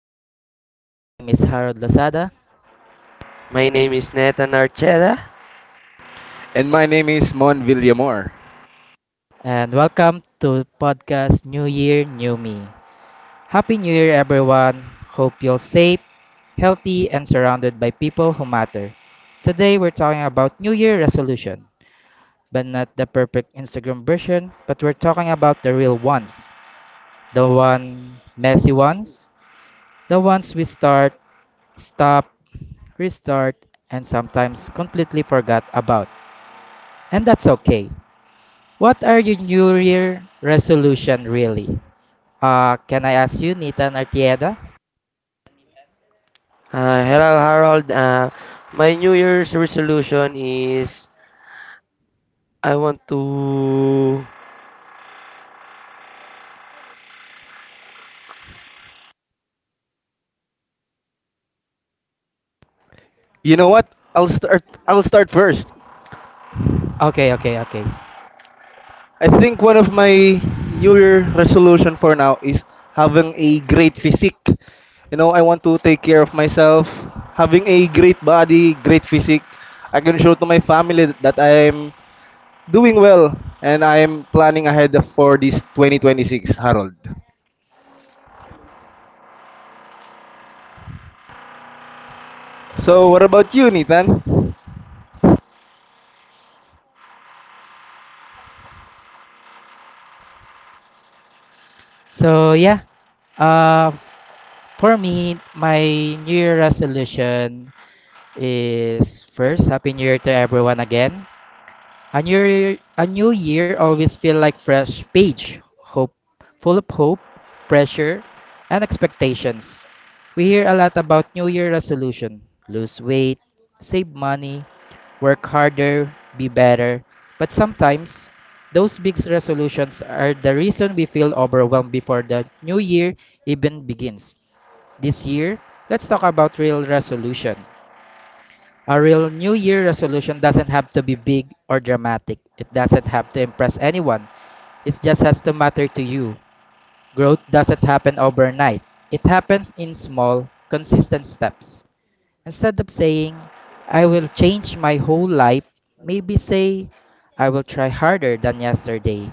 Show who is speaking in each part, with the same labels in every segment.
Speaker 1: podcast. My name is Harold Lozada,
Speaker 2: My name is Nathan Archeda.
Speaker 3: And my name is Mon Villamor.
Speaker 1: and welcome to podcast New Year, New Me. Happy New Year, everyone. Hope you're safe, healthy, and surrounded by people who matter. Today, we're talking about New Year resolution, but not the perfect Instagram version, but we're talking about the real ones, the one messy ones, the ones we start, stop, restart, and sometimes completely forgot about. And that's okay. What are your New Year resolution really? Can I ask you, Nita and Artieda?
Speaker 2: Hello, Harold. My New Year's resolution is I want to.
Speaker 3: You know what? I'll start first.
Speaker 1: Okay, okay, okay.
Speaker 3: I think one of my New Year resolution for now is having a great physique. You know, I want to take care of myself. Having a great body, great physique, I can show to my family that I'm doing well and I'm planning ahead for this 2026, Harold. So, what about you, Nathan?
Speaker 1: So yeah, uh, for me, my New Year resolution is first Happy New Year to everyone again. A new year always feel like fresh page, hope, full of hope, pressure, and expectations. We hear a lot about new year resolution, lose weight, save money, work harder, be better. But sometimes those big resolutions are the reason we feel overwhelmed before the new year even begins. This year, let's talk about real resolution. A real New Year resolution doesn't have to be big or dramatic. It doesn't have to impress anyone. It just has to matter to you. Growth doesn't happen overnight. It happens in small, consistent steps. Instead of saying, I will change my whole life, maybe say, I will try harder than yesterday.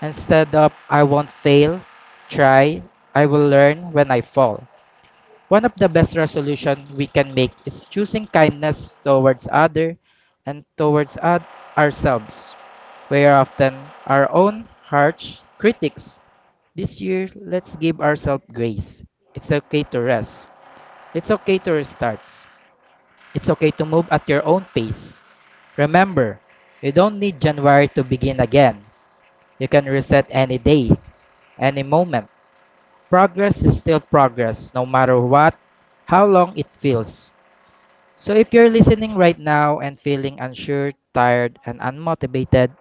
Speaker 1: Instead of, I won't fail, try, I will learn when I fall. One of the best resolution we can make is choosing kindness towards other and towards ourselves. We are often our own harsh critics. This year, let's give ourselves grace. It's okay to rest. It's okay to restart. It's okay to move at your own pace. Remember, you don't need January to begin again. You can reset any day, any moment. Progress is still progress, no matter what, how long it feels. So, if you're listening right now and feeling unsure, tired, and unmotivated,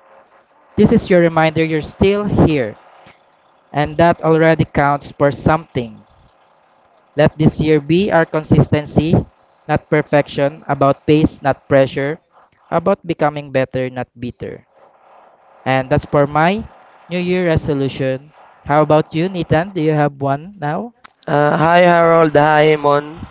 Speaker 1: this is your reminder you're still here, and that already counts for something. Let this year be our consistency, not perfection, about pace, not pressure, about becoming better, not bitter. And that's for my New Year resolution. How about you, Nathan? Do you have one now?
Speaker 2: Hi, Harold. Hi, Mon.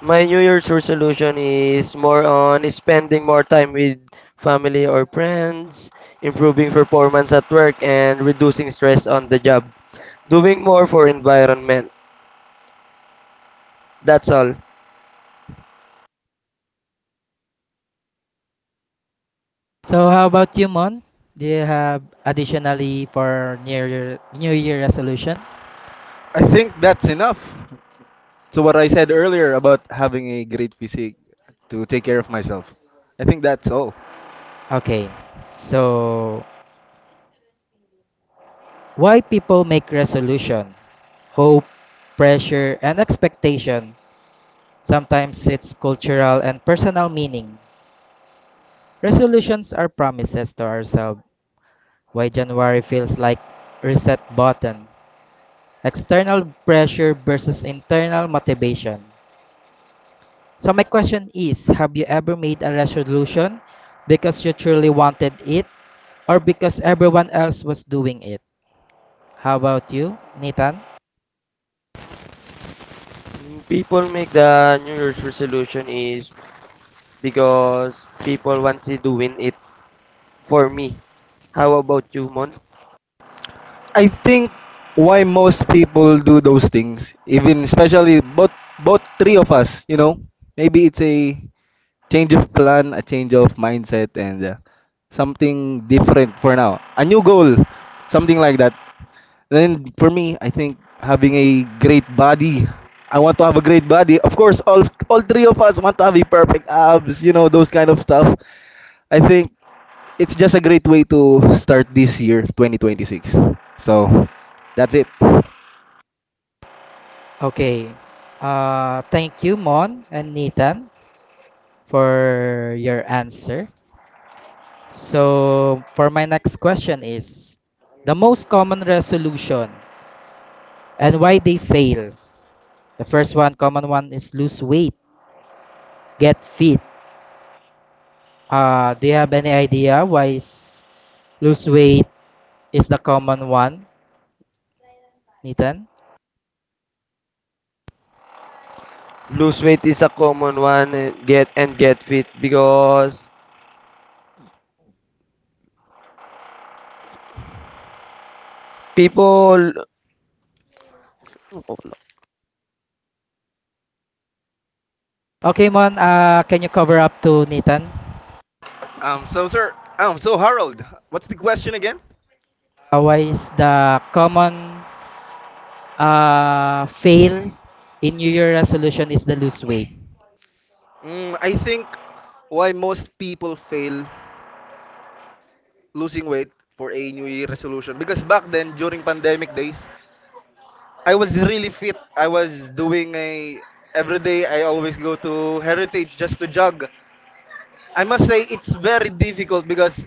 Speaker 2: My New Year's resolution is more on spending more time with family or friends, improving performance at work, and reducing stress on the job. Doing more for environment. That's all.
Speaker 1: So, how about you, Mon? Do you have additionally for New Year resolution?
Speaker 3: I think that's enough. So what I said earlier about having a great physique to take care of myself, I think that's all.
Speaker 1: Okay. So, why people make resolution, hope, pressure, and expectation? Sometimes it's cultural and personal meaning. Resolutions are promises to ourselves. Why January feels like reset button. External pressure versus internal motivation. So my question is, have you ever made a resolution because you truly wanted it or because everyone else was doing it? How about you, Nathan?
Speaker 2: People make the New Year's resolution is because people want to doing it for me. How about you, Mon?
Speaker 3: I think why most people do those things, even especially both three of us, you know, maybe it's a change of plan, a change of mindset, and something different for now, a new goal, something like that. Then for me, I think having a great body. I want to have a great body. Of course, all three of us want to have a perfect abs, you know, those kind of stuff. I think it's just a great way to start this year, 2026. So, that's it.
Speaker 1: Okay. Thank you, Mon and Nathan, for your answer. So, for my next question is the most common resolution and why they fail. The first one, common one, is lose weight, get fit. Do you have any idea why is lose weight is the common one, Nathan?
Speaker 2: Lose weight is a common one and get fit because people
Speaker 1: Okay, Mon, can you cover up to Nathan?
Speaker 3: Um, so sir, so Harold, what's the question again?
Speaker 1: Why is the common fail in New Year resolution is the lose weight.
Speaker 3: I think why most people fail losing weight for a New Year resolution because back then during pandemic days, I was really fit. I was doing a every day. I always go to Heritage just to jog. I must say it's very difficult because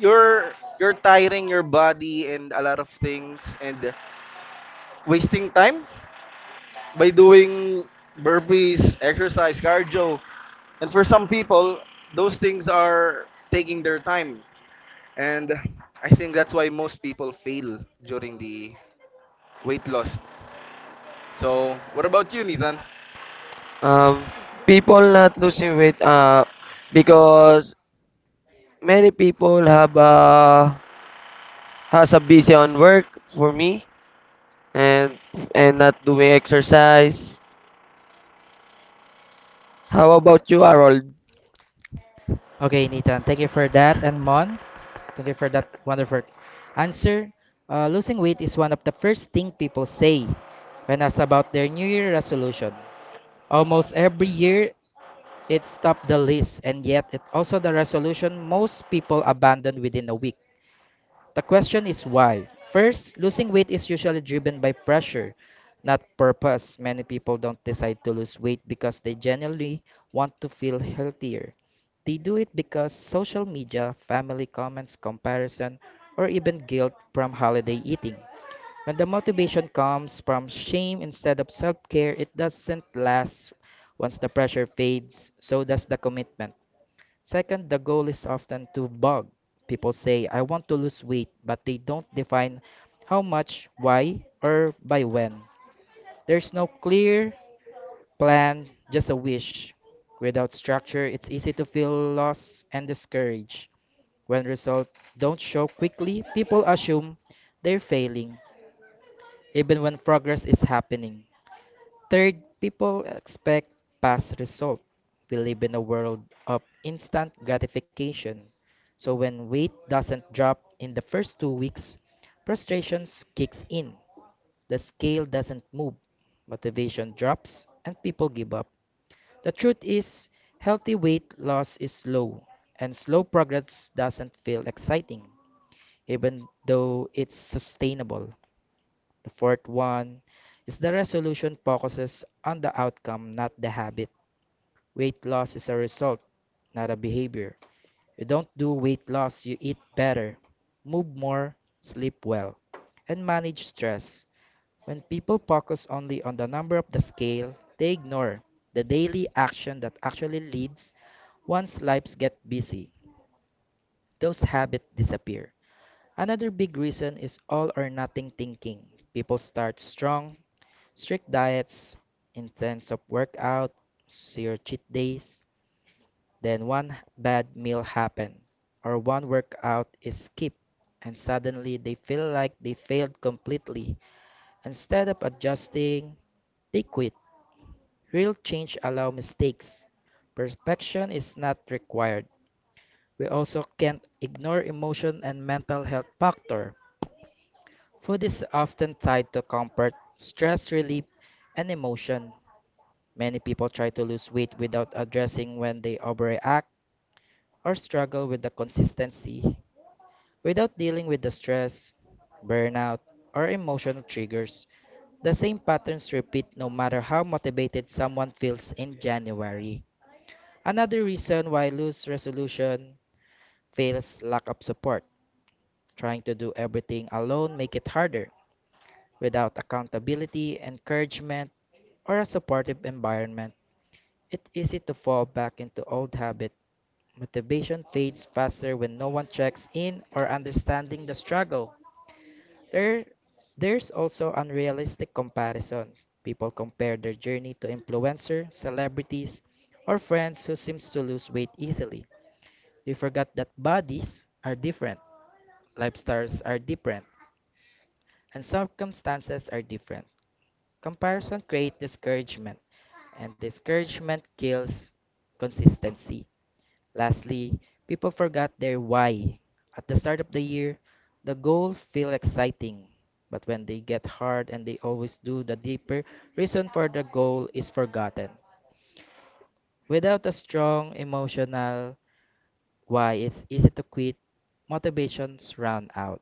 Speaker 3: you're you're tiring your body and a lot of things and wasting time by doing burpees, exercise, cardio. And for some people, those things are taking their time. And I think that's why most people fail during the weight loss. So, what about you, Nathan?
Speaker 2: um people not losing weight because many people have has a busy on work for me and and not doing exercise. How about you, Harold?
Speaker 1: Okay, Nathan, thank you for that. And Mon, thank you for that wonderful answer. Losing weight is one of the first thing people say when asked about their New Year resolution. Almost every year, it's top the list, and yet it's also the resolution most people abandon within a week. The question is why. First, losing weight is usually driven by pressure, not purpose. Many people don't decide to lose weight because they genuinely want to feel healthier. They do it because social media, family comments, comparison, or even guilt from holiday eating. When the motivation comes from shame instead of self care, it doesn't last. Once the pressure fades, so does the commitment. Second, the goal is often too vague. People say, I want to lose weight, but they don't define how much, why, or by when. There's no clear plan, just a wish. Without structure, it's easy to feel lost and discouraged. When results don't show quickly, people assume they're failing, even when progress is happening. Third, people expect fast result. We live in a world of instant gratification. So when weight doesn't drop in the first 2 weeks, frustration kicks in. The scale doesn't move. Motivation drops and people give up. The truth is, healthy weight loss is slow and slow progress doesn't feel exciting even though it's sustainable. The fourth one is the resolution focuses on the outcome, not the habit. Weight loss is a result, not a behavior. You don't do weight loss, you eat better, move more, sleep well, and manage stress. When people focus only on the number of the scale, they ignore the daily action that actually leads once lives get busy, those habits disappear. Another big reason is all or nothing thinking. People start strong, strict diets, intense of workout, zero cheat days, then one bad meal happen or one workout is skipped and suddenly they feel like they failed completely. Instead of adjusting, they quit. Real change allows mistakes. Perfection is not required. We also can't ignore emotion and mental health factor. Food is often tied to comfort, stress relief, and emotion. Many people try to lose weight without addressing when they overreact or struggle with the consistency. Without dealing with the stress, burnout, or emotional triggers, the same patterns repeat no matter how motivated someone feels in January. Another reason why loose resolution fails lack of support. Trying to do everything alone make it harder. Without accountability, encouragement, or a supportive environment, it's easy to fall back into old habits. Motivation fades faster when no one checks in or understanding the struggle. There, there's also unrealistic comparison. People compare their journey to influencer, celebrities, or friends who seems to lose weight easily. They forgot that bodies are different, lifestyles are different, and circumstances are different. Comparison creates discouragement, and discouragement kills consistency. Lastly, people forgot their why. At the start of the year, the goals feel exciting, but when they get hard and they always do, the deeper reason for the goal is forgotten. Without a strong emotional why, it's easy to quit. Motivations run out.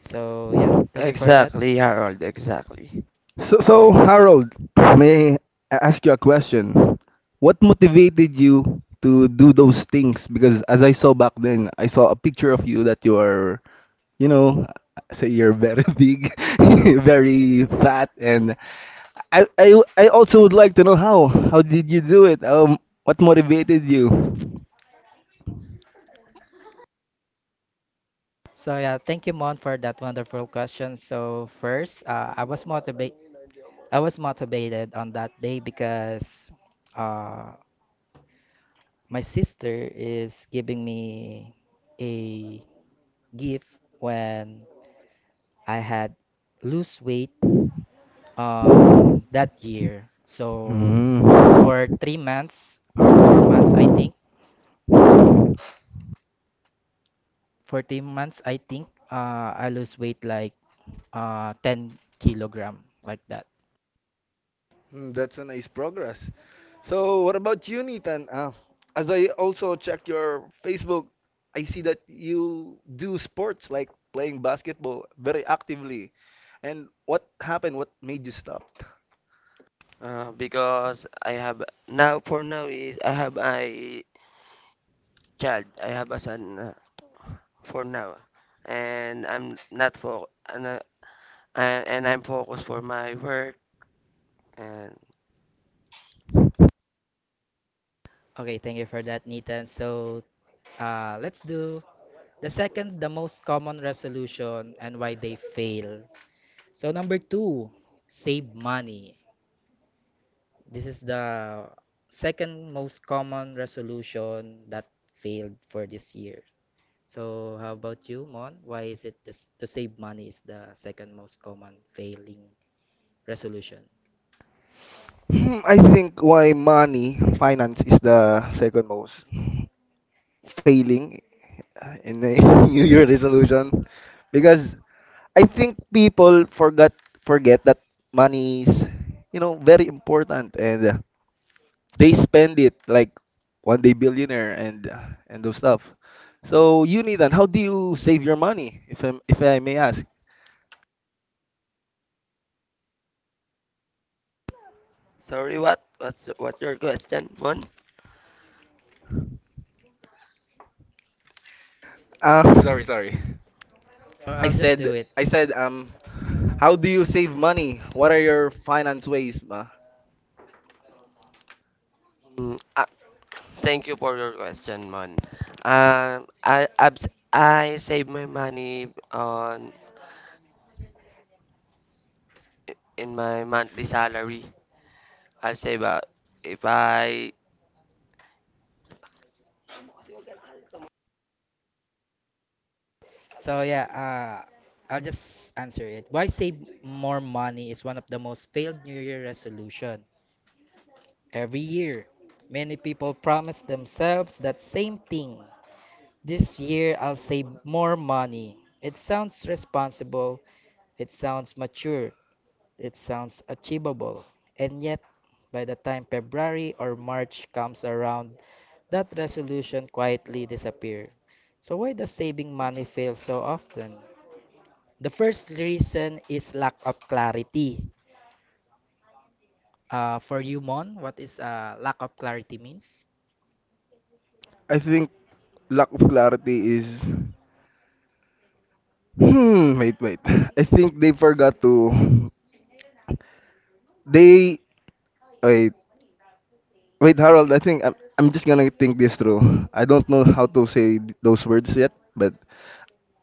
Speaker 1: So yeah, thank you for that.
Speaker 2: Exactly, Harold, exactly.
Speaker 3: So, so Harold, may I ask you a question? What motivated you to do those things? Because as I saw back then, I saw a picture of you that you are, you know, say you're very big, very fat, and I also would like to know how. How did you do it? What motivated you?
Speaker 1: So yeah, thank you Mon for that wonderful question. So first, I was motivated. On that day because uh, my sister is giving me a gift when I had lose weight on that year. So
Speaker 3: Mm.
Speaker 1: for 3 months or 4 months, I think, for 3 months, I think I lose weight like 10 kilogram like that.
Speaker 3: Mm, that's a nice progress. So, what about you, Nathan? As I also check your Facebook, I see that you do sports like playing basketball very actively. And what happened? What made you stop?
Speaker 2: Because I have now for now is I have a child. I have a son. For now, and I'm not for and, uh, and I'm focused for my work. And
Speaker 1: Okay, thank you for that, Nathan. So let's do the second, the most common resolution and why they fail. So number two, save money. This is the second most common resolution that failed for this year. So, how about you, Mon? Why is it this, to save money is the second most common failing resolution?
Speaker 3: I think why money, finance is the second most failing in the New Year resolution because I think people forgot forget that money is, you know, very important and they spend it like one day billionaire and those stuff. So you need, and how do you save your money, if I may ask?
Speaker 2: sorry, what what's what your question, Mon?
Speaker 3: Sorry.
Speaker 1: So
Speaker 3: I
Speaker 1: I'll just do
Speaker 3: said
Speaker 1: it.
Speaker 3: I said, how do you save money? What are your finance ways, ma?
Speaker 2: Mm, uh, Thank you for your question, Mon. Um, I abs I save my money on in my monthly salary. I save if I
Speaker 1: So yeah, I'll just answer it. Why save more money is one of the most failed New Year resolution every year. Many people promise themselves that same thing. This year I'll save more money. It sounds responsible, it sounds mature, it sounds achievable, and yet by the time February or March comes around, that resolution quietly disappears. So why does saving money fail so often? The first reason is lack of clarity. For you, Mon, what is lack of clarity means?
Speaker 3: I think lack of clarity is, hmm, wait. I think they forgot to, they, wait. Wait, Harold, I think I'm just gonna think this through. I don't know how to say those words yet, but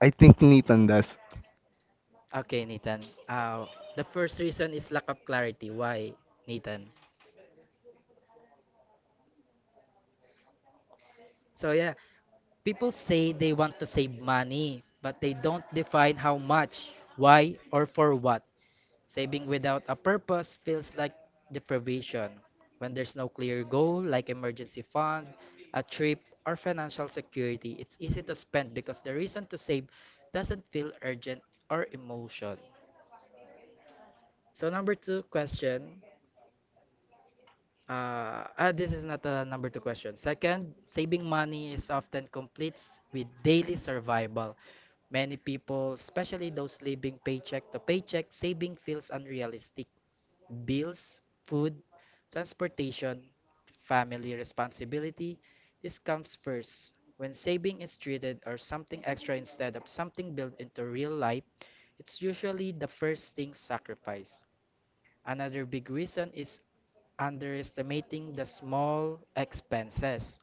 Speaker 3: I think Nathan does.
Speaker 1: Okay, Nathan. Uh, the first reason is lack of clarity. Why, Nathan? So yeah, people say they want to save money, but they don't define how much, why, or for what. Saving without a purpose feels like deprivation. When there's no clear goal, like emergency fund, a trip, or financial security, it's easy to spend because the reason to save doesn't feel urgent or emotion. So number two question. This is not a number two question. Second, saving money is often completes with daily survival. Many people, especially those living paycheck to paycheck, saving feels unrealistic. Bills, food, transportation, family responsibility, this comes first. When saving is treated or something extra instead of something built into real life, it's usually the first thing sacrificed. Another big reason is underestimating the small expenses.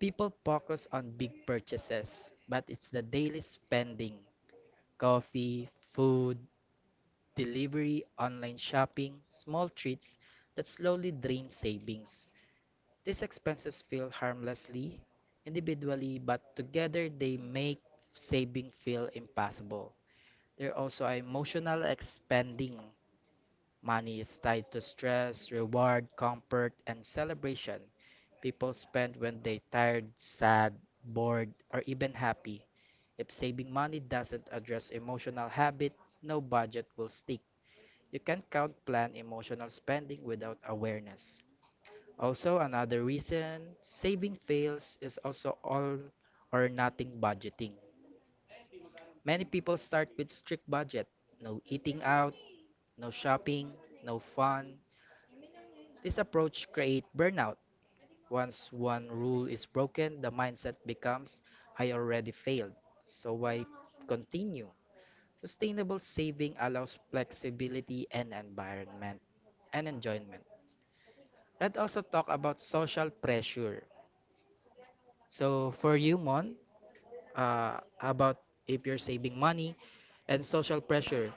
Speaker 1: People focus on big purchases, but it's the daily spending coffee, food, delivery, online shopping, small treats that slowly drain savings. These expenses feel harmlessly, individually, but together they make saving feel impossible. They're also emotional expending. Money is tied to stress, reward, comfort, and celebration people spend when they're tired, sad, bored, or even happy. If saving money doesn't address emotional habit, no budget will stick. You can count plan emotional spending without awareness. Also, another reason saving fails is also all or nothing budgeting. Many people start with strict budget no eating out, no shopping, no fun, this approach creates burnout. Once one rule is broken, the mindset becomes I already failed, so why continue? Sustainable saving allows flexibility and environment and enjoyment. Let's also talk about social pressure. So for you, Mon, about if you're saving money and social pressure,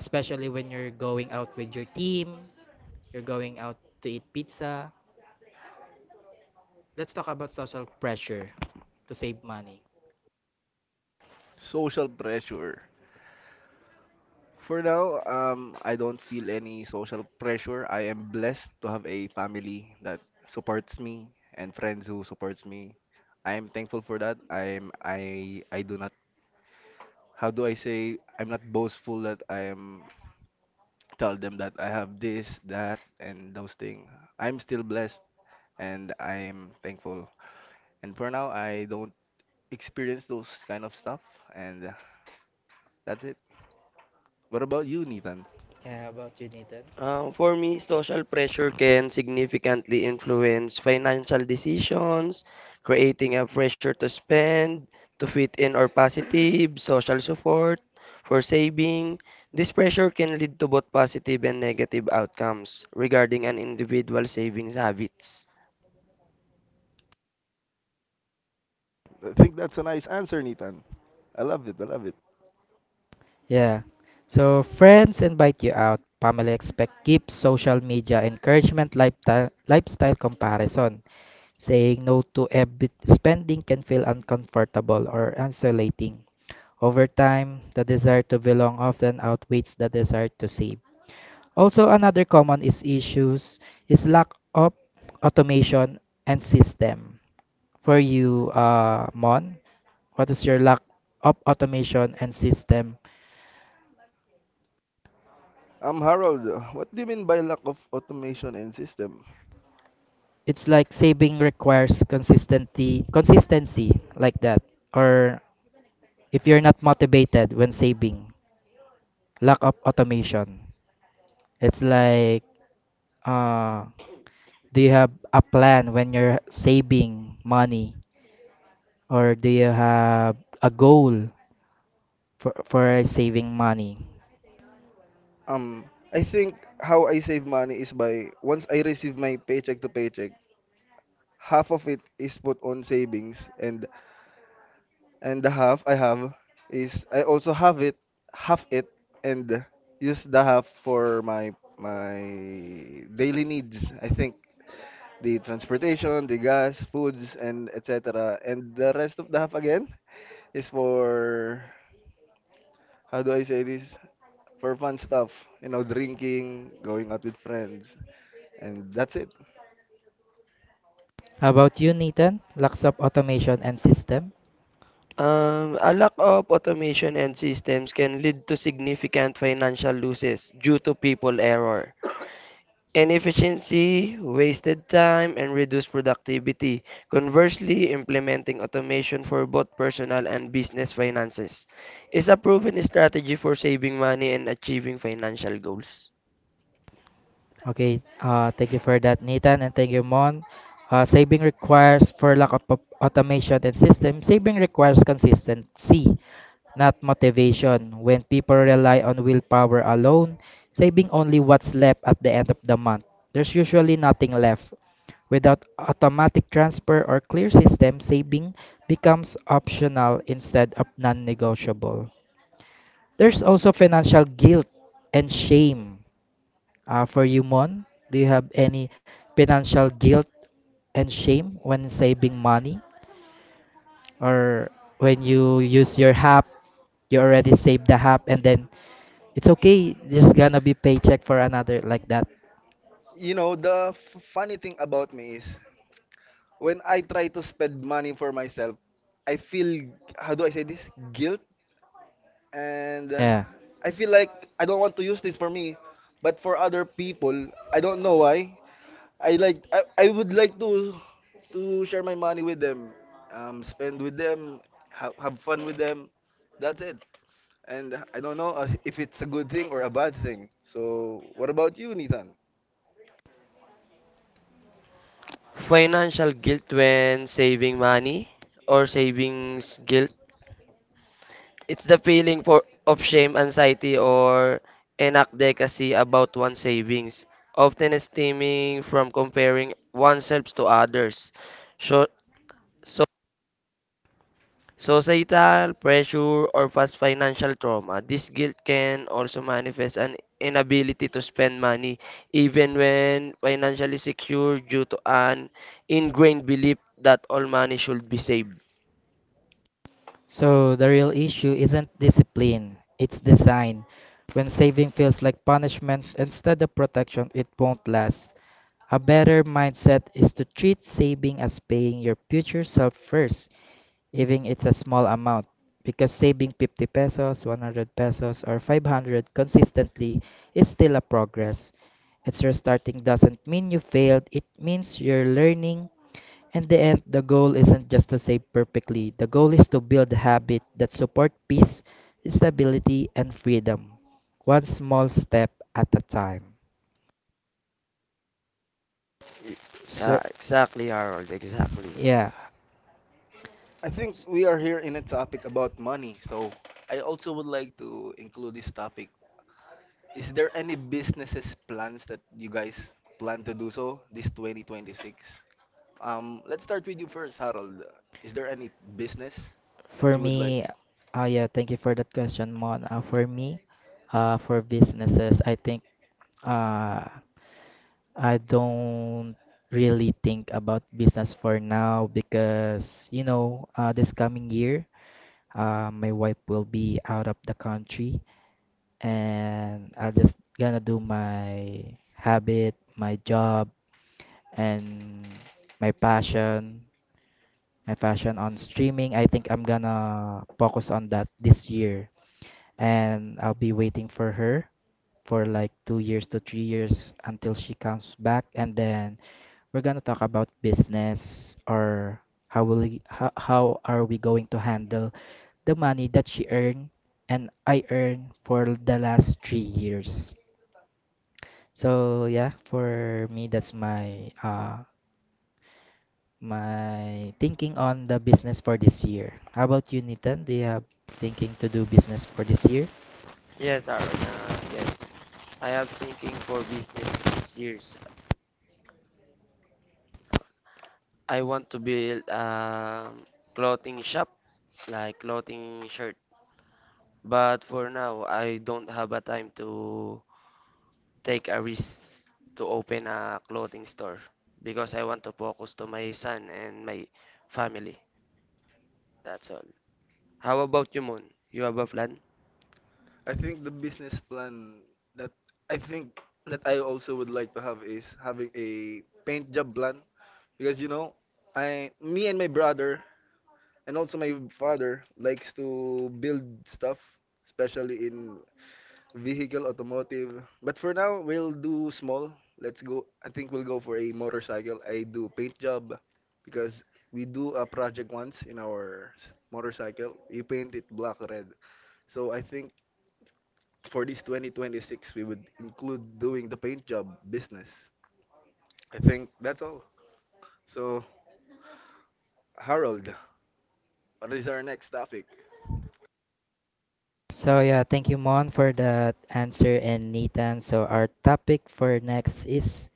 Speaker 1: especially when you're going out with your team, you're going out to eat pizza. Let's talk about social pressure to save money.
Speaker 3: Social pressure. For now, I don't feel any social pressure. I am blessed to have a family that supports me and friends who supports me. I am thankful for that. I do not, how do I say, I'm not boastful that I am tell them that I have this, that, and those things. I'm still blessed and I'm thankful. And for now I don't experience those kind of stuff, and that's it. What about you, Nathan?
Speaker 1: Yeah, how about you, Nathan?
Speaker 2: For me, social pressure can significantly influence financial decisions, creating a pressure to spend, to fit in or positive, social support, for saving. This pressure can lead to both positive and negative outcomes regarding an individual's savings habits.
Speaker 3: I think that's a nice answer, Nitan. I love it. I love it.
Speaker 1: Yeah. So friends invite you out, family expect gifts, social media encouragement, lifestyle comparison. Saying no to every spending can feel uncomfortable or isolating. Over time, the desire to belong often outweighs the desire to save. Also, another common is issues is lack of automation and system. For you, Mon, what is your lack of automation and system?
Speaker 3: Harold, what do you mean by lack of automation and system?
Speaker 1: It's like saving requires consistency like that. Or if you're not motivated when saving, lack of automation. It's like, uh, do you have a plan when you're saving money? Or do you have a goal for saving money?
Speaker 3: Um, I think how I save money is by, once I receive my paycheck to paycheck, half of it is put on savings, and the half I have is, I also have it, half it, and use the half for my daily needs. I think the transportation, the gas, foods, and etc. And the rest of the half again, it's for, how do I say this? For fun stuff, you know, drinking, going out with friends, and that's it.
Speaker 1: How about you, Nathan? Lacks of automation and system?
Speaker 2: A lack of automation and systems can lead to significant financial losses due to people error, inefficiency, wasted time, and reduced productivity. Conversely, implementing automation for both personal and business finances is a proven strategy for saving money and achieving financial goals.
Speaker 1: Okay, thank you for that, Nathan, and thank you, Mon. Saving requires, for lack of automation and system, saving requires consistency, not motivation. When people rely on willpower alone, saving only what's left at the end of the month, there's usually nothing left. Without automatic transfer or clear system, saving becomes optional instead of non negotiable. There's also financial guilt and shame. For you, Mon, do you have any financial guilt and shame when saving money? Or when you use your HAP, you already saved the HAP and then it's okay, there's gonna be paycheck for another like that.
Speaker 3: You know, the funny thing about me is when I try to spend money for myself, I feel, how do I say this? Guilt. And
Speaker 1: Yeah.
Speaker 3: I feel like I don't want to use this for me, but for other people, I don't know why. I like, I would like to share my money with them, spend with them, have fun with them. That's it. And I don't know if it's a good thing or a bad thing. So what about you, Nathan?
Speaker 2: Financial guilt when saving money or savings guilt. It's the feeling for of shame, anxiety, or inadequacy about one's savings, often stemming from comparing oneself to others. So, so Societal pressure or past financial trauma. This guilt can also manifest an inability to spend money even when financially secure due to an ingrained belief that all money should be saved.
Speaker 1: So the real issue isn't discipline, it's design. When saving feels like punishment instead of protection, it won't last. A better mindset is to treat saving as paying your future self first even it's a small amount because saving 50 pesos, 100 pesos or 500 consistently is still a progress. It's restarting doesn't mean you failed, it means you're learning. In the end, the goal isn't just to save perfectly. The goal is to build a habit that support peace, stability and freedom, one small step at a time. So,
Speaker 2: Ah, exactly, Harold, exactly.
Speaker 1: yeah,
Speaker 3: I think we are here in a topic about money. So I also would like to include this topic. Is there any businesses plans that you guys plan to do so this 2026? Let's start with you first, Harold. Is there any business that
Speaker 1: for
Speaker 3: you would like?
Speaker 1: me, yeah, thank you for that question, Mon. For me, for businesses, I think Uh, I don't really think about business for now because, you know, this coming year, my wife will be out of the country and I'll just gonna do my habit, my job, and my passion, my passion on streaming. I think I'm gonna focus on that this year and I'll be waiting for her for like 2 years to 3 years until she comes back and then we're gonna talk about business or how will we, how are we going to handle the money that she earned and I earned for the last 3 years. So yeah, for me that's my my thinking on the business for this year. How about you, Nitan? Do you have thinking to do business for this year?
Speaker 2: Yes, Harold. Yes, I am thinking for business these years. I want to build a clothing shop, like clothing shirt. But for now, I don't have a time to take a risk to open a clothing store because I want to focus to my son and my family. That's all. How about you, Moon? You have a plan?
Speaker 3: I think the business plan that I think that I also would like to have is having a paint job plan, because you know, I, me and my brother and also my father likes to build stuff, especially in vehicle automotive. But for now we'll do small, let's go, I think we'll go for a motorcycle. I do paint job because we do a project once in our motorcycle, we paint it black red. So I think for this 2026, we would include doing the paint job business. I think that's all. So, Harold, what is our next topic?
Speaker 1: So yeah, thank you Mon for that answer and Nitan. So our topic for next is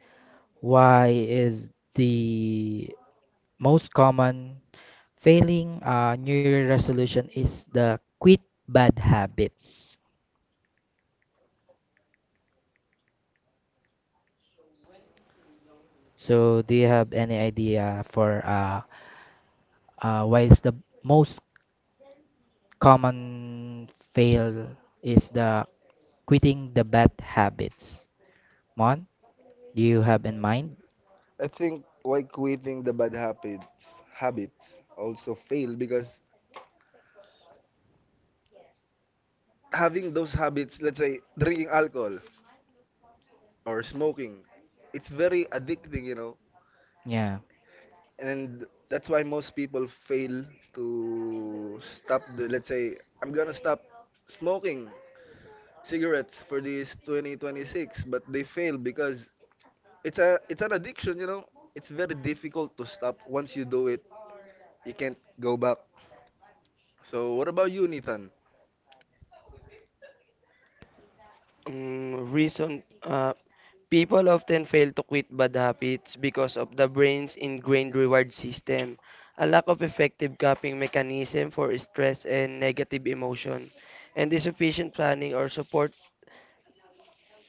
Speaker 1: why is the most common failing New Year resolution is the quit bad habits. So, do you have any idea for why is the most common fail is the quitting the bad habits? Mon, do you have in mind?
Speaker 3: I think why quitting the bad habits also fail because having those habits, let's say drinking alcohol or smoking, it's very addicting, you know.
Speaker 1: Yeah.
Speaker 3: And that's why most people fail to stop the, let's say, I'm gonna stop smoking cigarettes for this 2026, but they fail because it's an addiction, you know. It's very difficult to stop. Once you do it, you can't go back. So what about you, Nathan?
Speaker 2: Reason People often fail to quit bad habits because of the brain's ingrained reward system, a lack of effective coping mechanism for stress and negative emotion, and insufficient planning or support.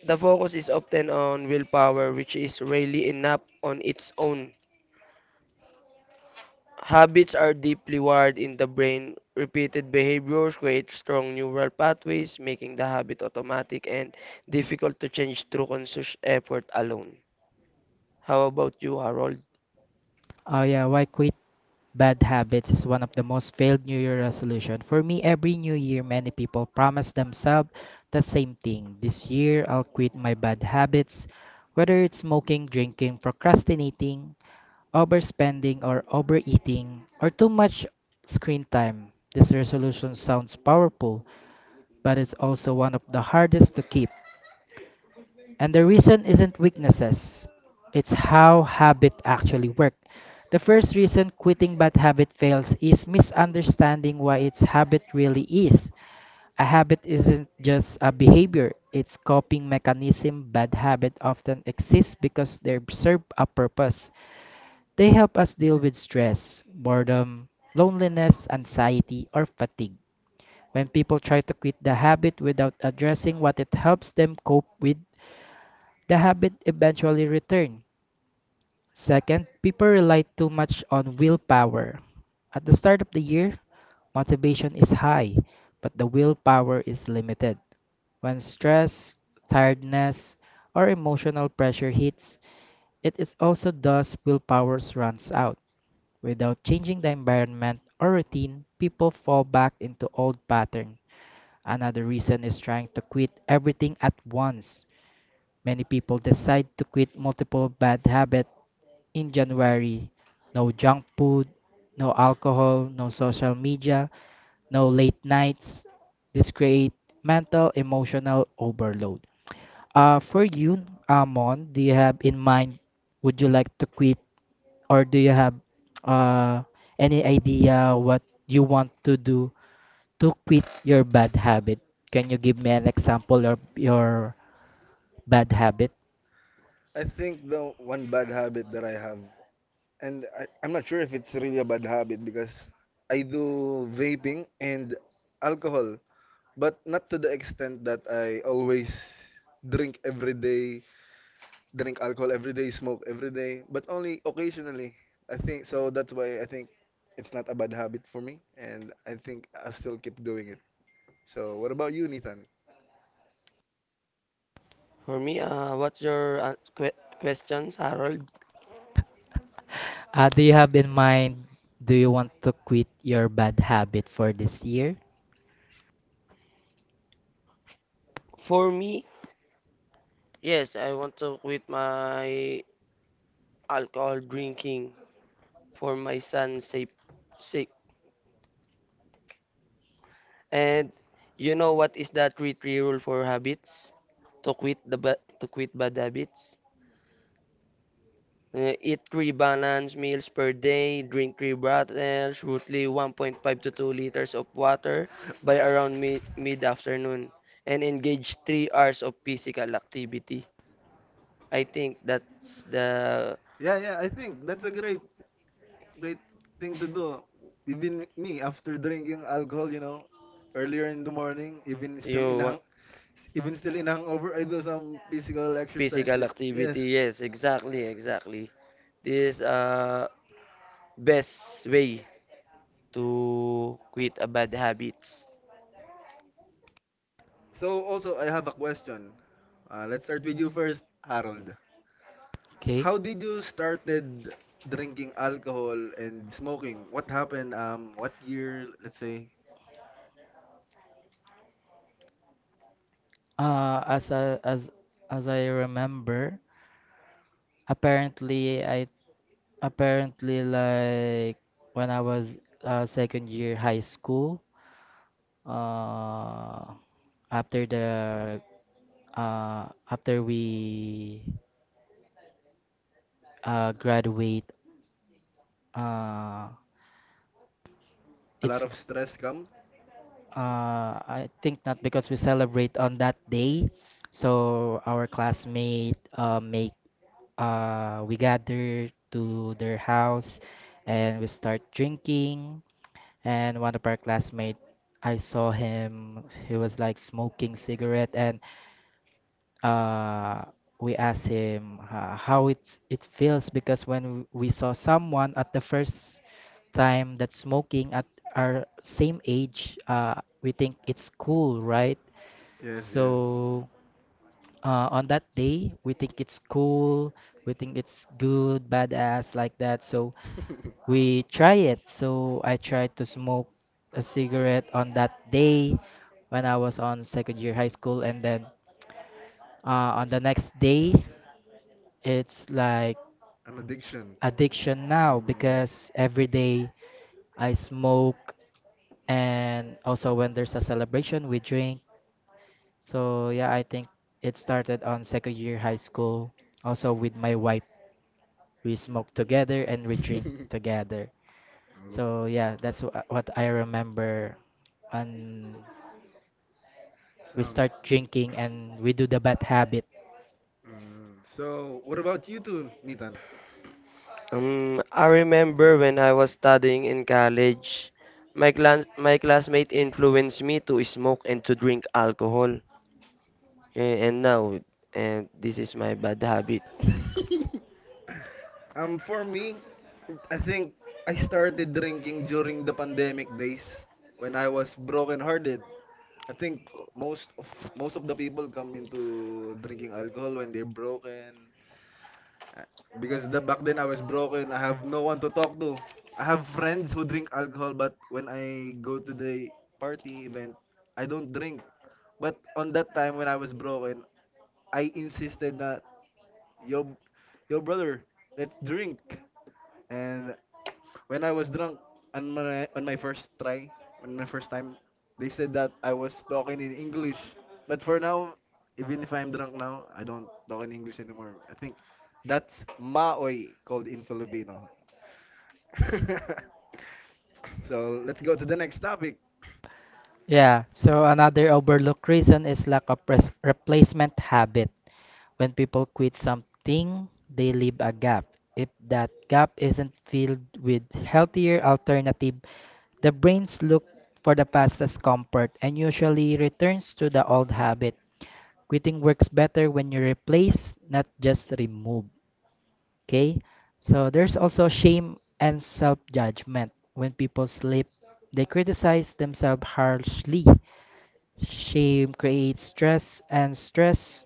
Speaker 2: The focus is often on willpower, which is rarely enough on its own. Habits are deeply wired in the brain. Repeated behaviors create strong neural pathways, making the habit automatic and difficult to change through conscious effort alone. How about you, Harold?
Speaker 1: Oh yeah, why quit? Bad habits is one of the most failed New Year resolution. For me, every New Year, many people promise themselves the same thing. This year, I'll quit my bad habits, whether it's smoking, drinking, procrastinating, overspending, or overeating, or too much screen time. This resolution sounds powerful, but it's also one of the hardest to keep. And the reason isn't weaknesses, it's how habit actually work. The first reason quitting bad habit fails is misunderstanding what its habit really is. A habit isn't just a behavior, it's coping mechanism. Bad habit often exists because they serve a purpose. They help us deal with stress, boredom, loneliness, anxiety, or fatigue. When people try to quit the habit without addressing what it helps them cope with, the habit eventually returned. Second, people rely too much on willpower. At the start of the year, motivation is high, but the willpower is limited. When stress, tiredness, or emotional pressure hits, it is also thus willpower runs out. Without changing the environment or routine, people fall back into old patterns. Another reason is trying to quit everything at once. Many people decide to quit multiple bad habits in January. No junk food, no alcohol, no social media, no late nights. This create mental emotional overload. For you, Amon, do you have in mind would you like to quit or do you have uh, any idea what you want to do to quit your bad habit? Can you give me an example of your bad habit?
Speaker 3: I think the one bad habit that I have, and I'm not sure if it's really a bad habit because I do vaping and alcohol, but not to the extent that I always drink every day, drink alcohol every day, smoke every day, but only occasionally. I think so. That's why I think it's not a bad habit for me, and I think I still keep doing it. So what about you, Nathan?
Speaker 2: For me, what's your questions, Harold?
Speaker 1: Do you have in mind do you want to quit your bad habit for this year?
Speaker 2: For me, yes, I want to quit my alcohol drinking for my son's safe sake. And you know what is the three-three rule for habits? To quit bad habits. Eat three balanced meals per day, drink three bottles, roughly 1.5 to 2 liters of water by around mid-afternoon, and engage 3 hours of physical activity. I think that's the
Speaker 3: Yeah, yeah, I think that's a great thing to do. Even me, after drinking alcohol, you know, earlier in the morning,
Speaker 2: you wa-
Speaker 3: even still in hangover, I do some physical exercise.
Speaker 2: physical
Speaker 3: Ju- Yes.
Speaker 2: activity. Yes, exactly, exactly. This best way to quit a bad habits.
Speaker 3: So also, I have a question. Let's start with you first, Harold.
Speaker 1: Okay.
Speaker 3: How did you started drinking alcohol and smoking? What happened? What year? Let's say
Speaker 1: Uh, as I, as as I remember, apparently I apparently like when I was second year high school, uh, after the uh, after we graduate, uh,
Speaker 3: a lot
Speaker 1: it's
Speaker 3: of stress come.
Speaker 1: I think not because we celebrate on that day, so our classmate make we gather to their house and we start drinking. And one of our classmates, I saw him, he was like smoking cigarette, and uh, we asked him how it feels because when we saw someone at the first time that smoking at our same age, we think it's cool, right?
Speaker 3: Yes, yes.
Speaker 1: So on that day we think it's cool, we think it's good badass like that, so we try it, so I tried to smoke a cigarette on that day when I was on second year high school, and then on the next day it's like
Speaker 3: An addiction.
Speaker 1: addiction now because every day I smoke, and also when there's a celebration we drink. So yeah, I think it started on second year high school, also with my wife we smoke together and we drink
Speaker 3: Mm.
Speaker 1: together. So yeah, that's what I remember. And we
Speaker 3: So,
Speaker 1: start drinking and we do the bad habit.
Speaker 3: mm, so what about you two, Nathan?
Speaker 2: I remember when I was studying in college, my classmate influenced me to smoke and to drink alcohol. And now, and this is my bad habit.
Speaker 3: For me, I think I started drinking during the pandemic days when I was broken-hearted. I think most of the people come into drinking alcohol when they're broken. Because the back then I was broken. I have no one to talk to. I have friends who drink alcohol, but when I go to the party event, I don't drink. But on that time when I was broken, I insisted that yo, yo brother, let's drink. And when I was drunk on my first try, on my first time, they said that I was talking in English. But for now, even if I'm drunk now, I don't talk in English anymore. I think that's maoy called in Filipino. So let's go to the next topic.
Speaker 1: Yeah, so another overlooked reason is lack of replacement habit. When people quit something, they leave a gap. If that gap isn't filled with healthier alternative, the brains look for the fastest comfort and usually returns to the old habit. Quitting works better when you replace, not just remove. Okay? So there's also shame and self judgment. When people sleep, they criticize themselves harshly. Shame creates stress, and stress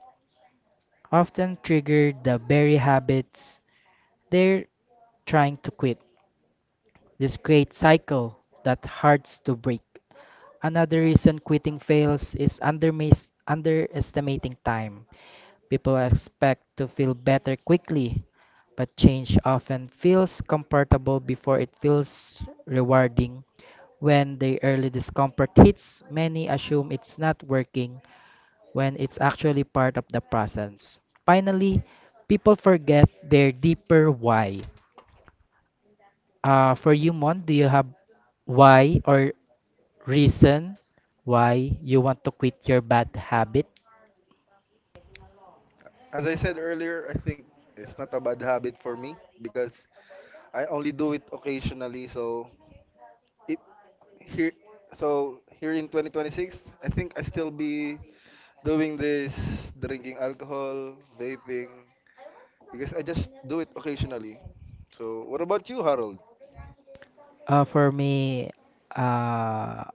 Speaker 1: often triggers the very habits they're trying to quit. This creates a cycle that hurts to break. Another reason quitting fails is underestimating time. People expect to feel better quickly, but change often feels comfortable before it feels rewarding. When the early discomfort hits, many assume it's not working when it's actually part of the process. Finally, people forget their deeper why. For you, Mon, do you have why or reason why you want to quit your bad habit?
Speaker 3: As I said earlier, I think it's not a bad habit for me because I only do it occasionally. So it, here, so here in 2026 I think I still be doing this drinking alcohol vaping because I just do it occasionally. So what about you, Harold?
Speaker 1: For me, uh,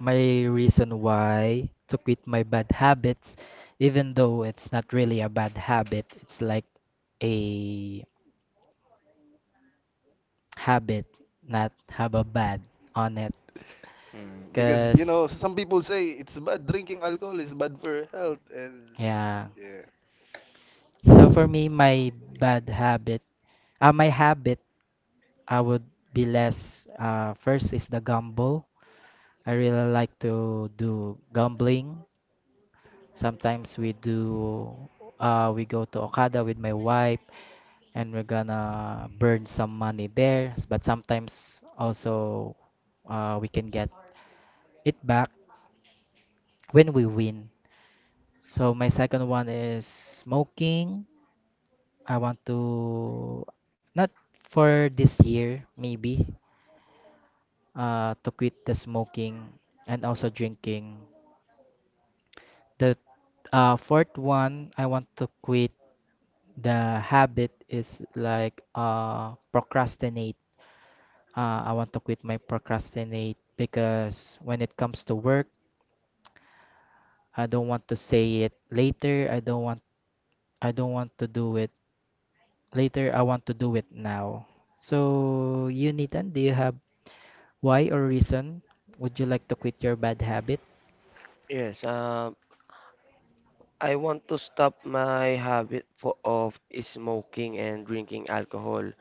Speaker 1: my reason why to quit my bad habits, even though it's not really a bad habit, it's like a habit not have a bad on it.
Speaker 3: Mm. Because, you know,
Speaker 1: Cause
Speaker 3: some people say it's bad, drinking alcohol is bad for health and
Speaker 1: yeah.
Speaker 3: yeah,
Speaker 1: So for me, my bad habit, my habit, I would be less. First is the gamble. I really like to do gambling. Sometimes we do. We go to Okada with my wife, and we're gonna burn some money there. But sometimes also we can get it back when we win. So my second one is smoking. I want to not for this year maybe to quit the smoking and also drinking. The fourth one I want to quit the habit is like procrastinate. I want to quit my procrastinate because when it comes to work, I don't want to say it later. I don't want to do it later. I want to do it now. So, you Nathan, do you have why or reason would you like to quit your bad habit?
Speaker 2: Yes, I want to stop my habit for, of smoking and drinking alcohol.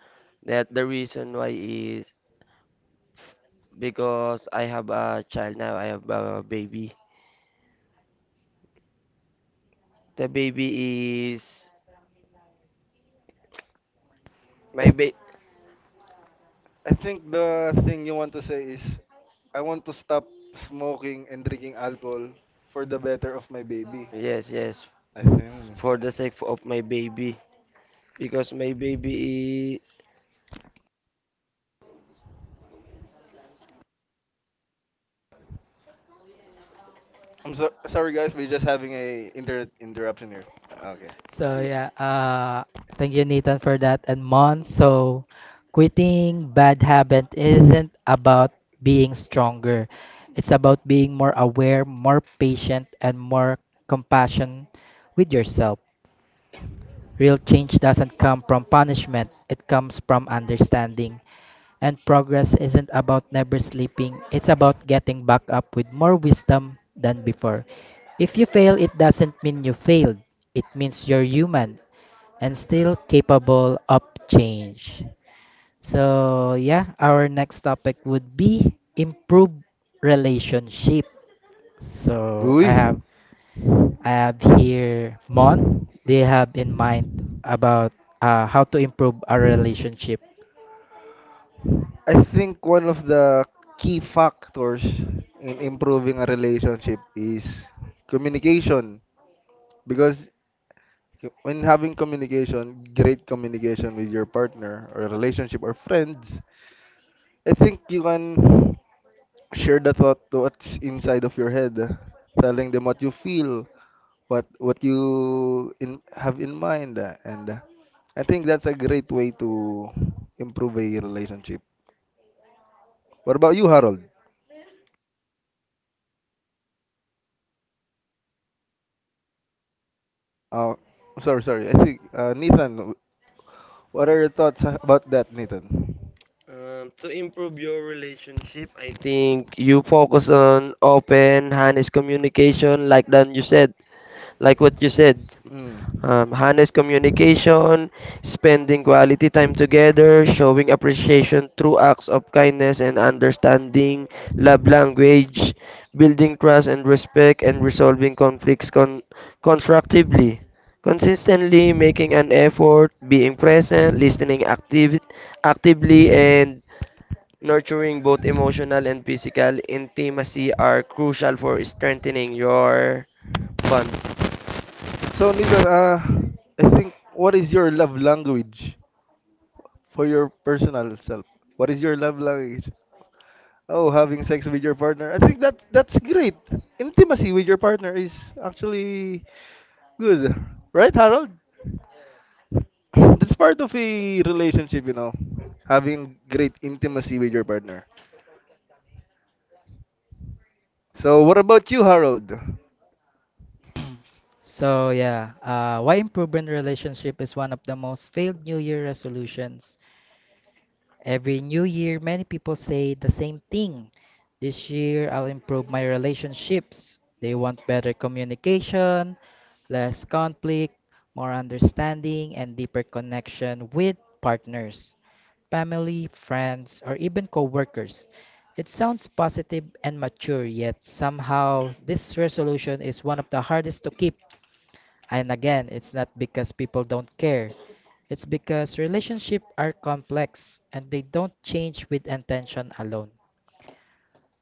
Speaker 2: That the reason why is because I have a child now. I have a baby. The baby is
Speaker 3: i,
Speaker 2: my
Speaker 3: th-
Speaker 2: ba-
Speaker 3: I think the thing you want to say is, I want to stop smoking and drinking alcohol for the better of my baby,
Speaker 2: Yes, yes,
Speaker 3: I think.
Speaker 2: for the sake of my baby because
Speaker 3: I'm so sorry, guys. We're just having a internet interruption here. Okay.
Speaker 1: So yeah, thank you, Nathan, for that. And Mon, so quitting bad habit isn't about being stronger. It's about being more aware, more patient, and more compassion with yourself. Real change doesn't come from punishment. It comes from understanding. And progress isn't about never sleeping. It's about getting back up with more wisdom than before. If you fail, it doesn't mean you failed. It means you're human and still capable of change. So, yeah, our next topic would be improve relationship. So,
Speaker 3: Uy,
Speaker 1: I have here Mon. They have in mind about how to improve our relationship.
Speaker 3: I think one of the key factors in improving a relationship is communication. Because when having communication, great communication with your partner or relationship or friends, I think you can share the thought to what's inside of your head, telling them what you feel, what you in have in mind, and I think that's a great way to improve a relationship. What about you, Harold? Uh, sorry. I think Nathan. What are your thoughts about that, Nathan?
Speaker 2: to improve your relationship I think you focus on open honest communication like dan you said like what you said.
Speaker 3: Mm.
Speaker 2: Honest communication, spending quality time together, showing appreciation through acts of kindness and understanding, love language, building trust and respect, and resolving conflicts constructively. Consistently making an effort, being present, listening actively, and nurturing both emotional and physical intimacy are crucial for strengthening your bond.
Speaker 3: So, Nathan, I think what is your love language for your personal self? What is your love language? Oh, having sex with your partner. I think that's great. Intimacy with your partner is actually good, right, Harold? That's part of a relationship, you know, having great intimacy with your partner. So, what about you, Harold?
Speaker 1: So, yeah, why improving relationship is one of the most failed New Year resolutions. Every new year, many people say the same thing. This year, I'll improve my relationships. They want better communication, less conflict, more understanding, and deeper connection with partners, family, friends, or even coworkers. It sounds positive and mature, yet somehow this resolution is one of the hardest to keep and again, it's not because people don't care. It's because relationships are complex and they don't change with intention alone.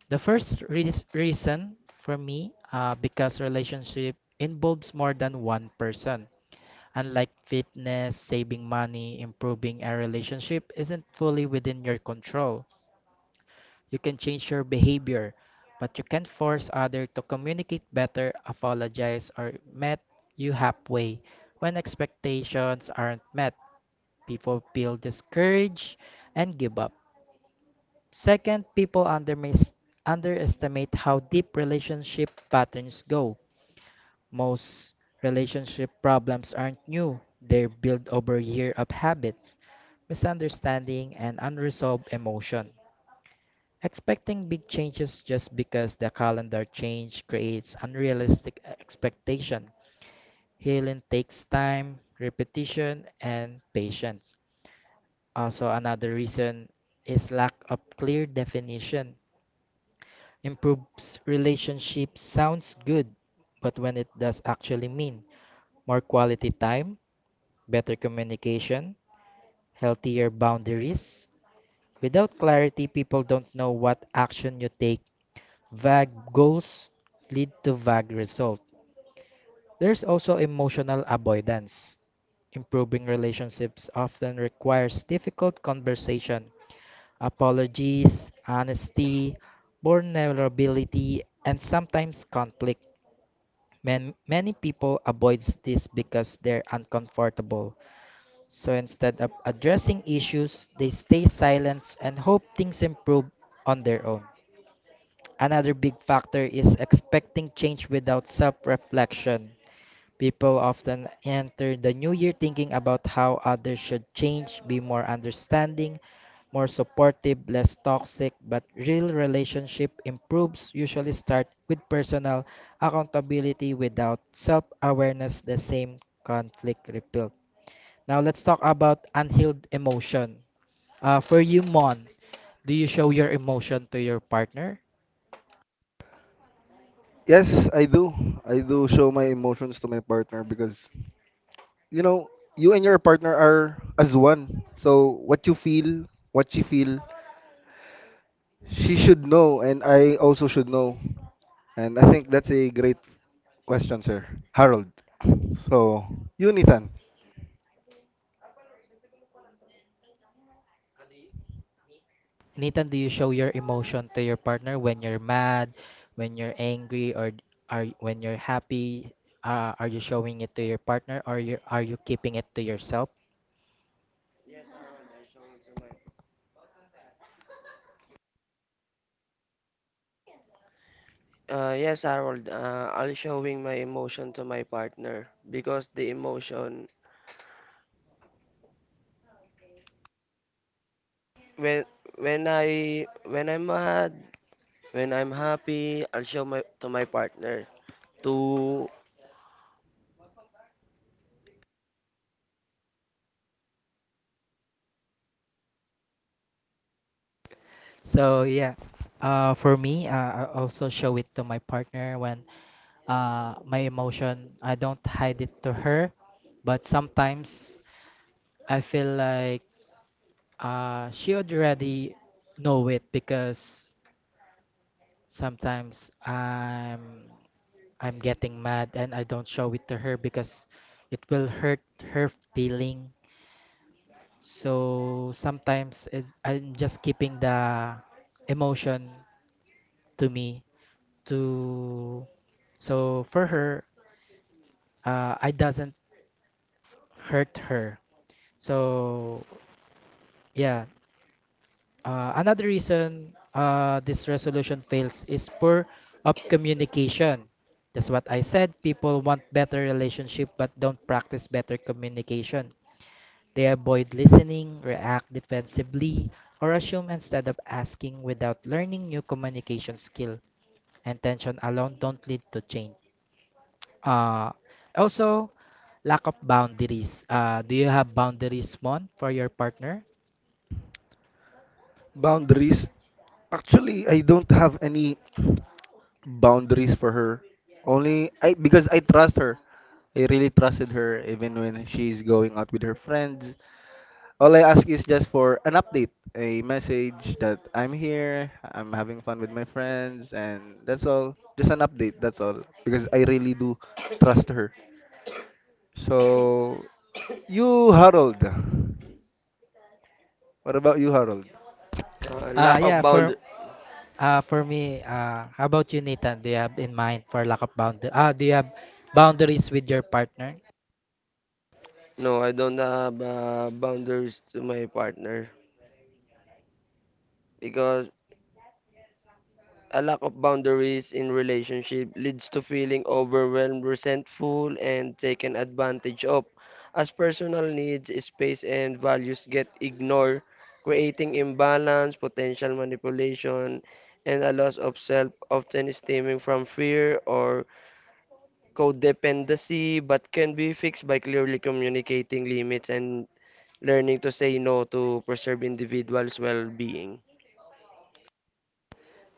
Speaker 1: The first reason for me, because relationship involves more than one person. Unlike fitness, saving money, improving a relationship isn't fully within your control. You can change your behavior, but you can't force others to communicate better, apologize, or met you halfway. When expectations aren't met, people feel discouraged and give up. Second, people underestimate how deep relationship patterns go. Most relationship problems aren't new, they're built over years of habits, misunderstanding, and unresolved emotion. Expecting big changes just because the calendar change creates unrealistic expectation. Healing takes time, repetition, and patience. Also, another reason is lack of clear definition. Improves relationships sounds good, but when it does actually mean more quality time, better communication, healthier boundaries. Without clarity, people don't know what action you take. Vague goals lead to vague results. There's also emotional avoidance. Improving relationships often requires difficult conversation, apologies, honesty, vulnerability, and sometimes conflict. Many people avoid this because they're uncomfortable. So instead of addressing issues, they stay silent and hope things improve on their own. Another big factor is expecting change without self reflection. People often enter the new year thinking about how others should change, be more understanding, more supportive, less toxic, but real relationship improves usually start with personal accountability without self-awareness the same conflict repeat. Now let's talk about unhealed emotion. For you, Mon, do you show your emotion to your partner?
Speaker 3: Yes, I do. I do show my emotions to my partner because, you know, you and your partner are as one. So, what you feel, what she feel, she should know, and I also should know. And I think that's a great question, sir. Harold. So, you, Nathan.
Speaker 1: Nathan, do you show your emotion to your partner when you're mad, when you're angry, or are when you're happy? Are you showing it to your partner, or you keeping it to yourself?
Speaker 2: Yes, Harold. I'll showing my emotion to my partner because the emotion when when I when I'm mad, when I'm happy, I'll show my to my partner to
Speaker 1: So yeah, for me, I also show it to my partner when my emotion. I don't hide it to her, but sometimes I feel like she already know it because sometimes I'm getting mad and I don't show it to her because it will hurt her feeling. So sometimes is I'm just keeping the emotion to me to so for her, I doesn't hurt her. So yeah, another reason this resolution fails is poor of communication. That's what I said. People want better relationship but don't practice better communication. They avoid listening, react defensively, or assume instead of asking without learning new communication skill. And tension alone don't lead to change. Uh, also, Lack of boundaries. Do you have boundaries, Mon, for your partner?
Speaker 3: Boundaries. Actually, I don't have any boundaries for her. Only I because I trust her. I really trusted her even when she's going out with her friends. All I ask is just for an update, a message that I'm here, I'm having fun with my friends, and that's all. Just an update, that's all. Because I really do trust her. So, you, Harold. What about you, Harold?
Speaker 1: Uh,
Speaker 2: lack
Speaker 1: yeah,
Speaker 2: of
Speaker 1: for
Speaker 2: bound.
Speaker 1: how about you, Nathan? Do you have in mind for lack of bound? Do you have boundaries with your partner?
Speaker 2: No, I don't have boundaries to my partner because a lack of boundaries in relationship leads to feeling overwhelmed, resentful, and taken advantage of, as personal needs, space, and values get ignored, creating imbalance, potential manipulation, and a loss of self, often stemming from fear or codependency, but can be fixed by clearly communicating limits and learning to say no to preserve individuals' well-being.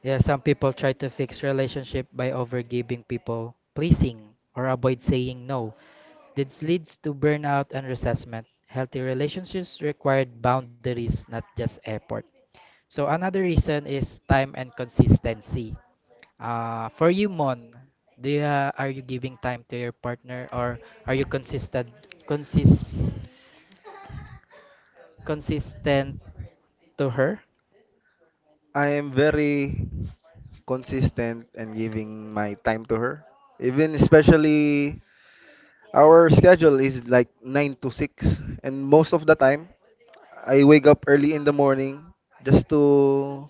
Speaker 1: Yeah, some people try to fix relationship by overgiving people pleasing or avoid saying no. This leads to burnout and resentment. Healthy relationships require boundaries, not just effort. So another reason is time and consistency. For you, Mon, are you giving time to your partner or are you consist, consistent to her?
Speaker 3: I am very consistent and giving my time to her. Even especially, our schedule is like 9 to 6, and most of the time, I wake up early in the morning just to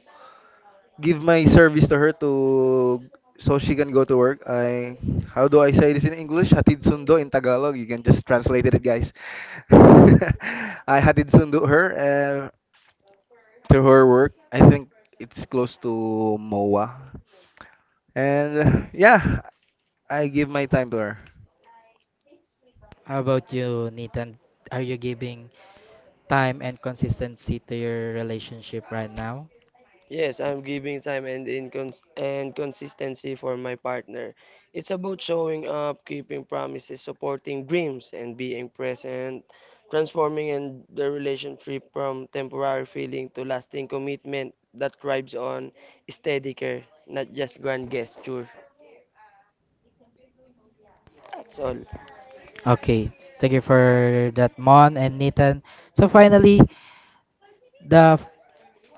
Speaker 3: give my service to her to so she can go to work. I how do I say this in English? Hatid sundo in Tagalog. You can just translate it, guys. I hatid sundo her to her work. I think it's close to MOA, and yeah, I give my time to her.
Speaker 1: How about you, Nathan? Are you giving time and consistency to your relationship right now?
Speaker 2: Yes, I'm giving time and incons and consistency for my partner. It's about showing up, keeping promises, supporting dreams, and being present, transforming and the relationship from temporary feeling to lasting commitment that thrives on steady care, not just grand gesture. That's all.
Speaker 1: Okay, thank you for that, Mon and Nathan. So finally, the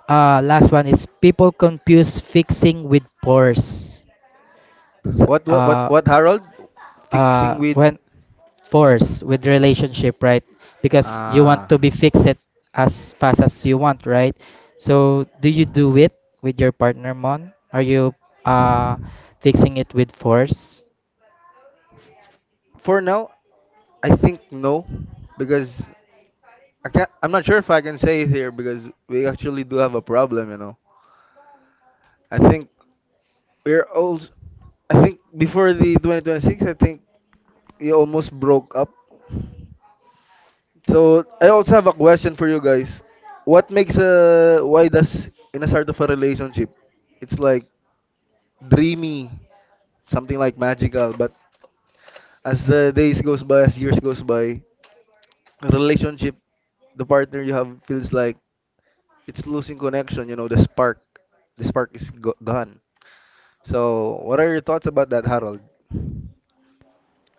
Speaker 1: Last one is people confuse fixing with force. So,
Speaker 3: What what what what Harold? Fixing with
Speaker 1: when Force with relationship, right? Because you
Speaker 3: Uh,
Speaker 1: want to be fixed as fast as you want, right? So do you do it with your partner, Mon? Are you uh, fixing it with force?
Speaker 3: for now, I think no, because I can't. I'm not sure if I can say it here because we actually do have a problem. You know, I think we're old. I think before the 2026, I think we almost broke up. So I also have a question for you guys. What makes a why does in a start of a relationship, it's like dreamy, something like magical, but as the days goes by, as years goes by, relationship the partner you have feels like it's losing connection, you know, the spark, the gone. So what are your thoughts about that, Harold?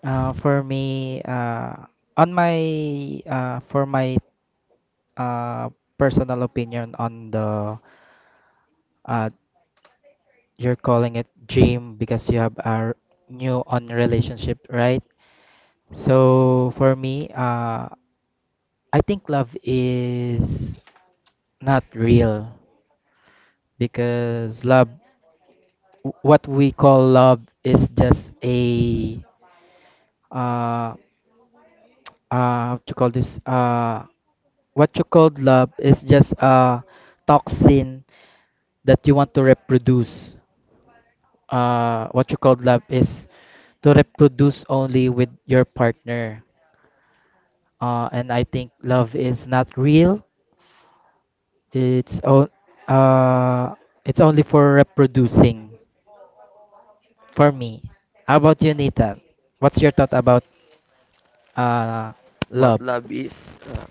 Speaker 1: For me, on my for my uh, Personal opinion on the uh, you're calling it dream because you have a new on relationship, right? So for me, I think love is not real because love, what we call love, is just a uh, what you call this what you called love is just a toxin that you want to reproduce. What you called love is to reproduce only with your partner, and I think love is not real. It's o- uh, it's only for reproducing for me. How about you, Nathan? What's your thought about uh,
Speaker 2: What
Speaker 1: love?
Speaker 2: love is?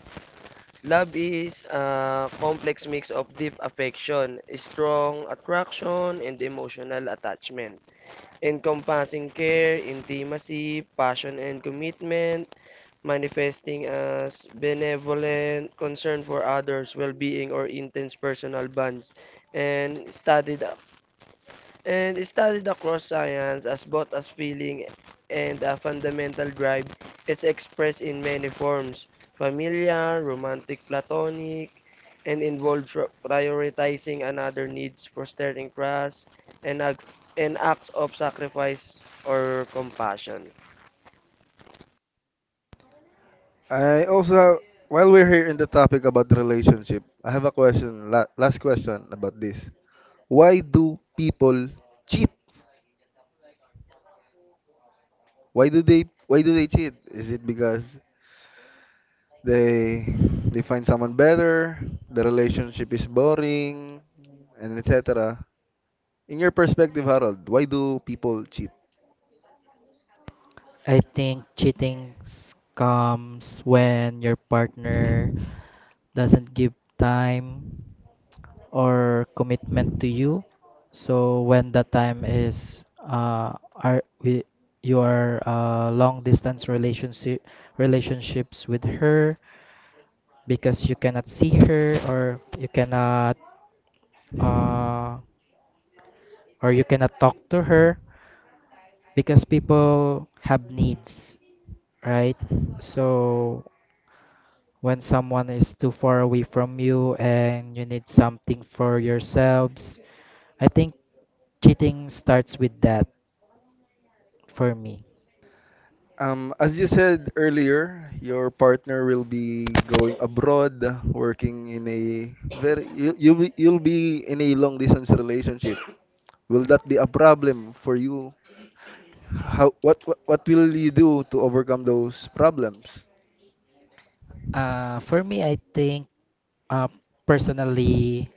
Speaker 2: Love is a complex mix of deep affection, strong attraction, and emotional attachment, encompassing care, intimacy, passion and commitment, manifesting as benevolent concern for others, well-being or intense personal bonds, and studied across science as both as feeling and a fundamental drive. It's expressed in many forms: familiar, romantic, platonic, and involves prioritizing another needs, prostrating trust, and, act, and acts of sacrifice or compassion.
Speaker 3: I also, while we're here in the topic about the relationship, I have a question, last question about this. Why do people cheat? Why do they, why do they cheat? Is it because they they find someone better, the relationship is boring, and etc. In your perspective, Harold, why do people cheat?
Speaker 1: I think comes when your partner doesn't give time or commitment to you. So when the time is are we you are long distance relationships with her because you cannot see her uh or you cannot talk to her because people have needs, right? So when someone is too far away from you and you need something for yourselves, I think cheating starts with that. For me?
Speaker 3: As you said earlier, your partner will be going abroad, working in a very, you'll be in a long distance relationship. Will that be a problem for you? What will you do to overcome those problems?
Speaker 1: I think uh, personally,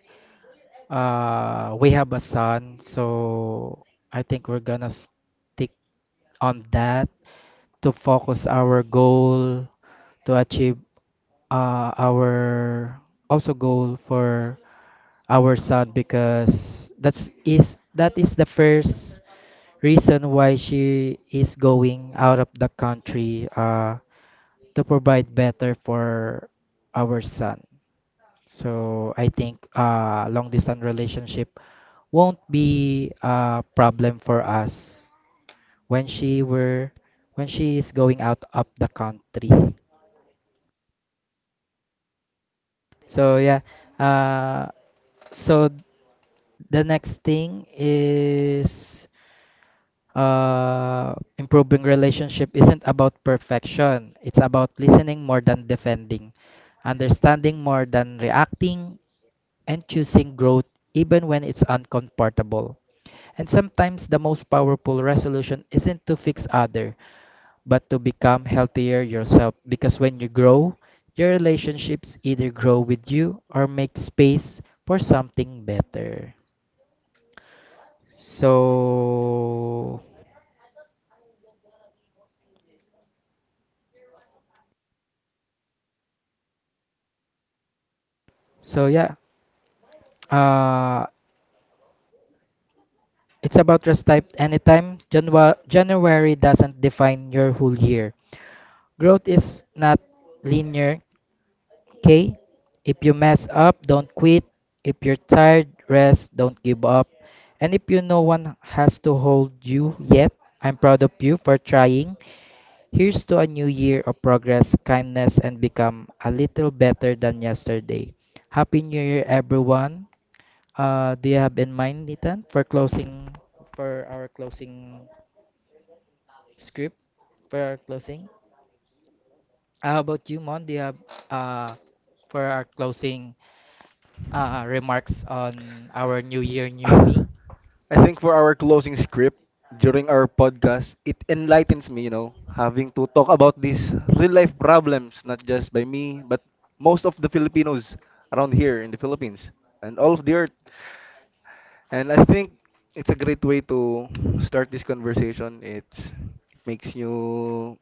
Speaker 1: we have a son, so I think we're gonna stick on that to focus our goal to achieve our also goal for our son because that is the first reason why she is going out of the country, to provide better for our son. So I think long distance relationship won't be a problem for us when she were when she is going out of the country. So yeah, uh, so the next thing is improving relationship isn't about perfection. It's about listening more than defending, understanding more than reacting, and choosing growth even when it's uncomfortable. And sometimes the most powerful resolution isn't to fix other, but to become healthier yourself because when you grow, your relationships either grow with you or make space for something better. So, so yeah, uh, it's about rest type anytime. January doesn't define your whole year. Growth is not linear. Okay? If you mess up, don't quit. If you're tired, rest, don't give up. And if you know one has to hold you yet, I'm proud of you for trying. Here's to a new year of progress, kindness, and become a little better than yesterday. Happy New Year, everyone. Do you have in mind, Ethan, for closing, for our closing script, for our closing? How about you, Mon? Do you have uh, for our closing? Remarks on our new year, new me.
Speaker 3: I think for our closing script during our podcast, it enlightens me, you know, having to talk about these real life problems, not just by me, but most of the Filipinos around here in the Philippines and all of the earth. And I think it's a great way to start this conversation. It's, it makes you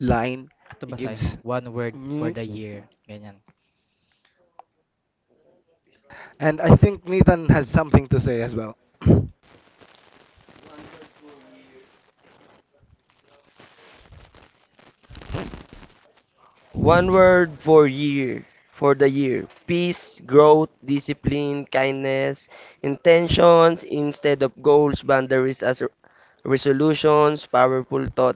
Speaker 3: line,
Speaker 1: Ato
Speaker 3: it
Speaker 1: basahin mo.
Speaker 3: gives.
Speaker 1: One word for
Speaker 3: And
Speaker 1: the year. Ganyan.
Speaker 3: I think Nathan has something to say as well.
Speaker 2: One word for year, for the year. Peace, growth, discipline, kindness, intentions instead of goals, boundaries as resolutions, powerful thought.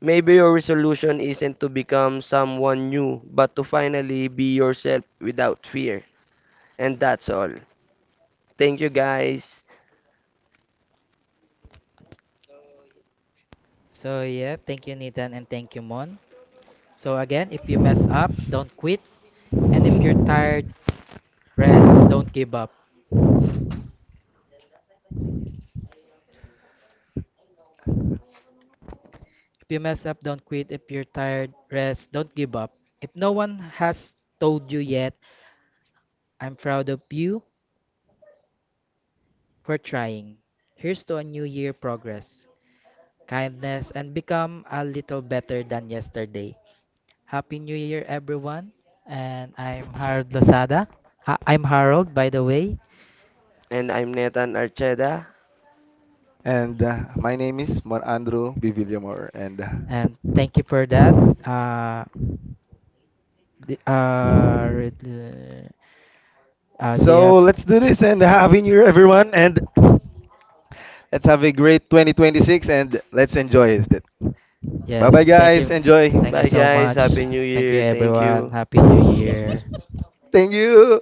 Speaker 2: Maybe your resolution isn't to become someone new, but to finally be yourself without fear. And that's all. Thank you guys.
Speaker 1: So yeah, thank you Nathan and thank you Mon. So again, if you mess up, don't quit. And if you're tired, rest, don't give up. If you mess up, don't quit. If you're tired, rest, don't give up. If no one has told you yet, I'm proud of you for trying. Here's to a new year progress, kindness, and become a little better than yesterday. Happy New Year, everyone. And I'm Harold Lozada. I'm Harold, by the way.
Speaker 2: And I'm Nathan Archeda.
Speaker 3: And my name is Mar Andrew B. Villamor. And
Speaker 1: And thank you for that. Uh, the, uh, re- do you
Speaker 3: so
Speaker 1: have?
Speaker 3: let's do this and happy new year, everyone. And let's have a great 2026 and let's enjoy it. Bye bye,
Speaker 1: Yes, thank
Speaker 3: guys.
Speaker 1: you.
Speaker 3: Enjoy.
Speaker 1: Thank you
Speaker 2: Bye,
Speaker 1: so
Speaker 2: guys.
Speaker 1: much.
Speaker 2: Happy New
Speaker 1: Thank you,
Speaker 2: Year. Thank
Speaker 1: everyone.
Speaker 2: you.
Speaker 1: Happy New Year.
Speaker 3: Thank you.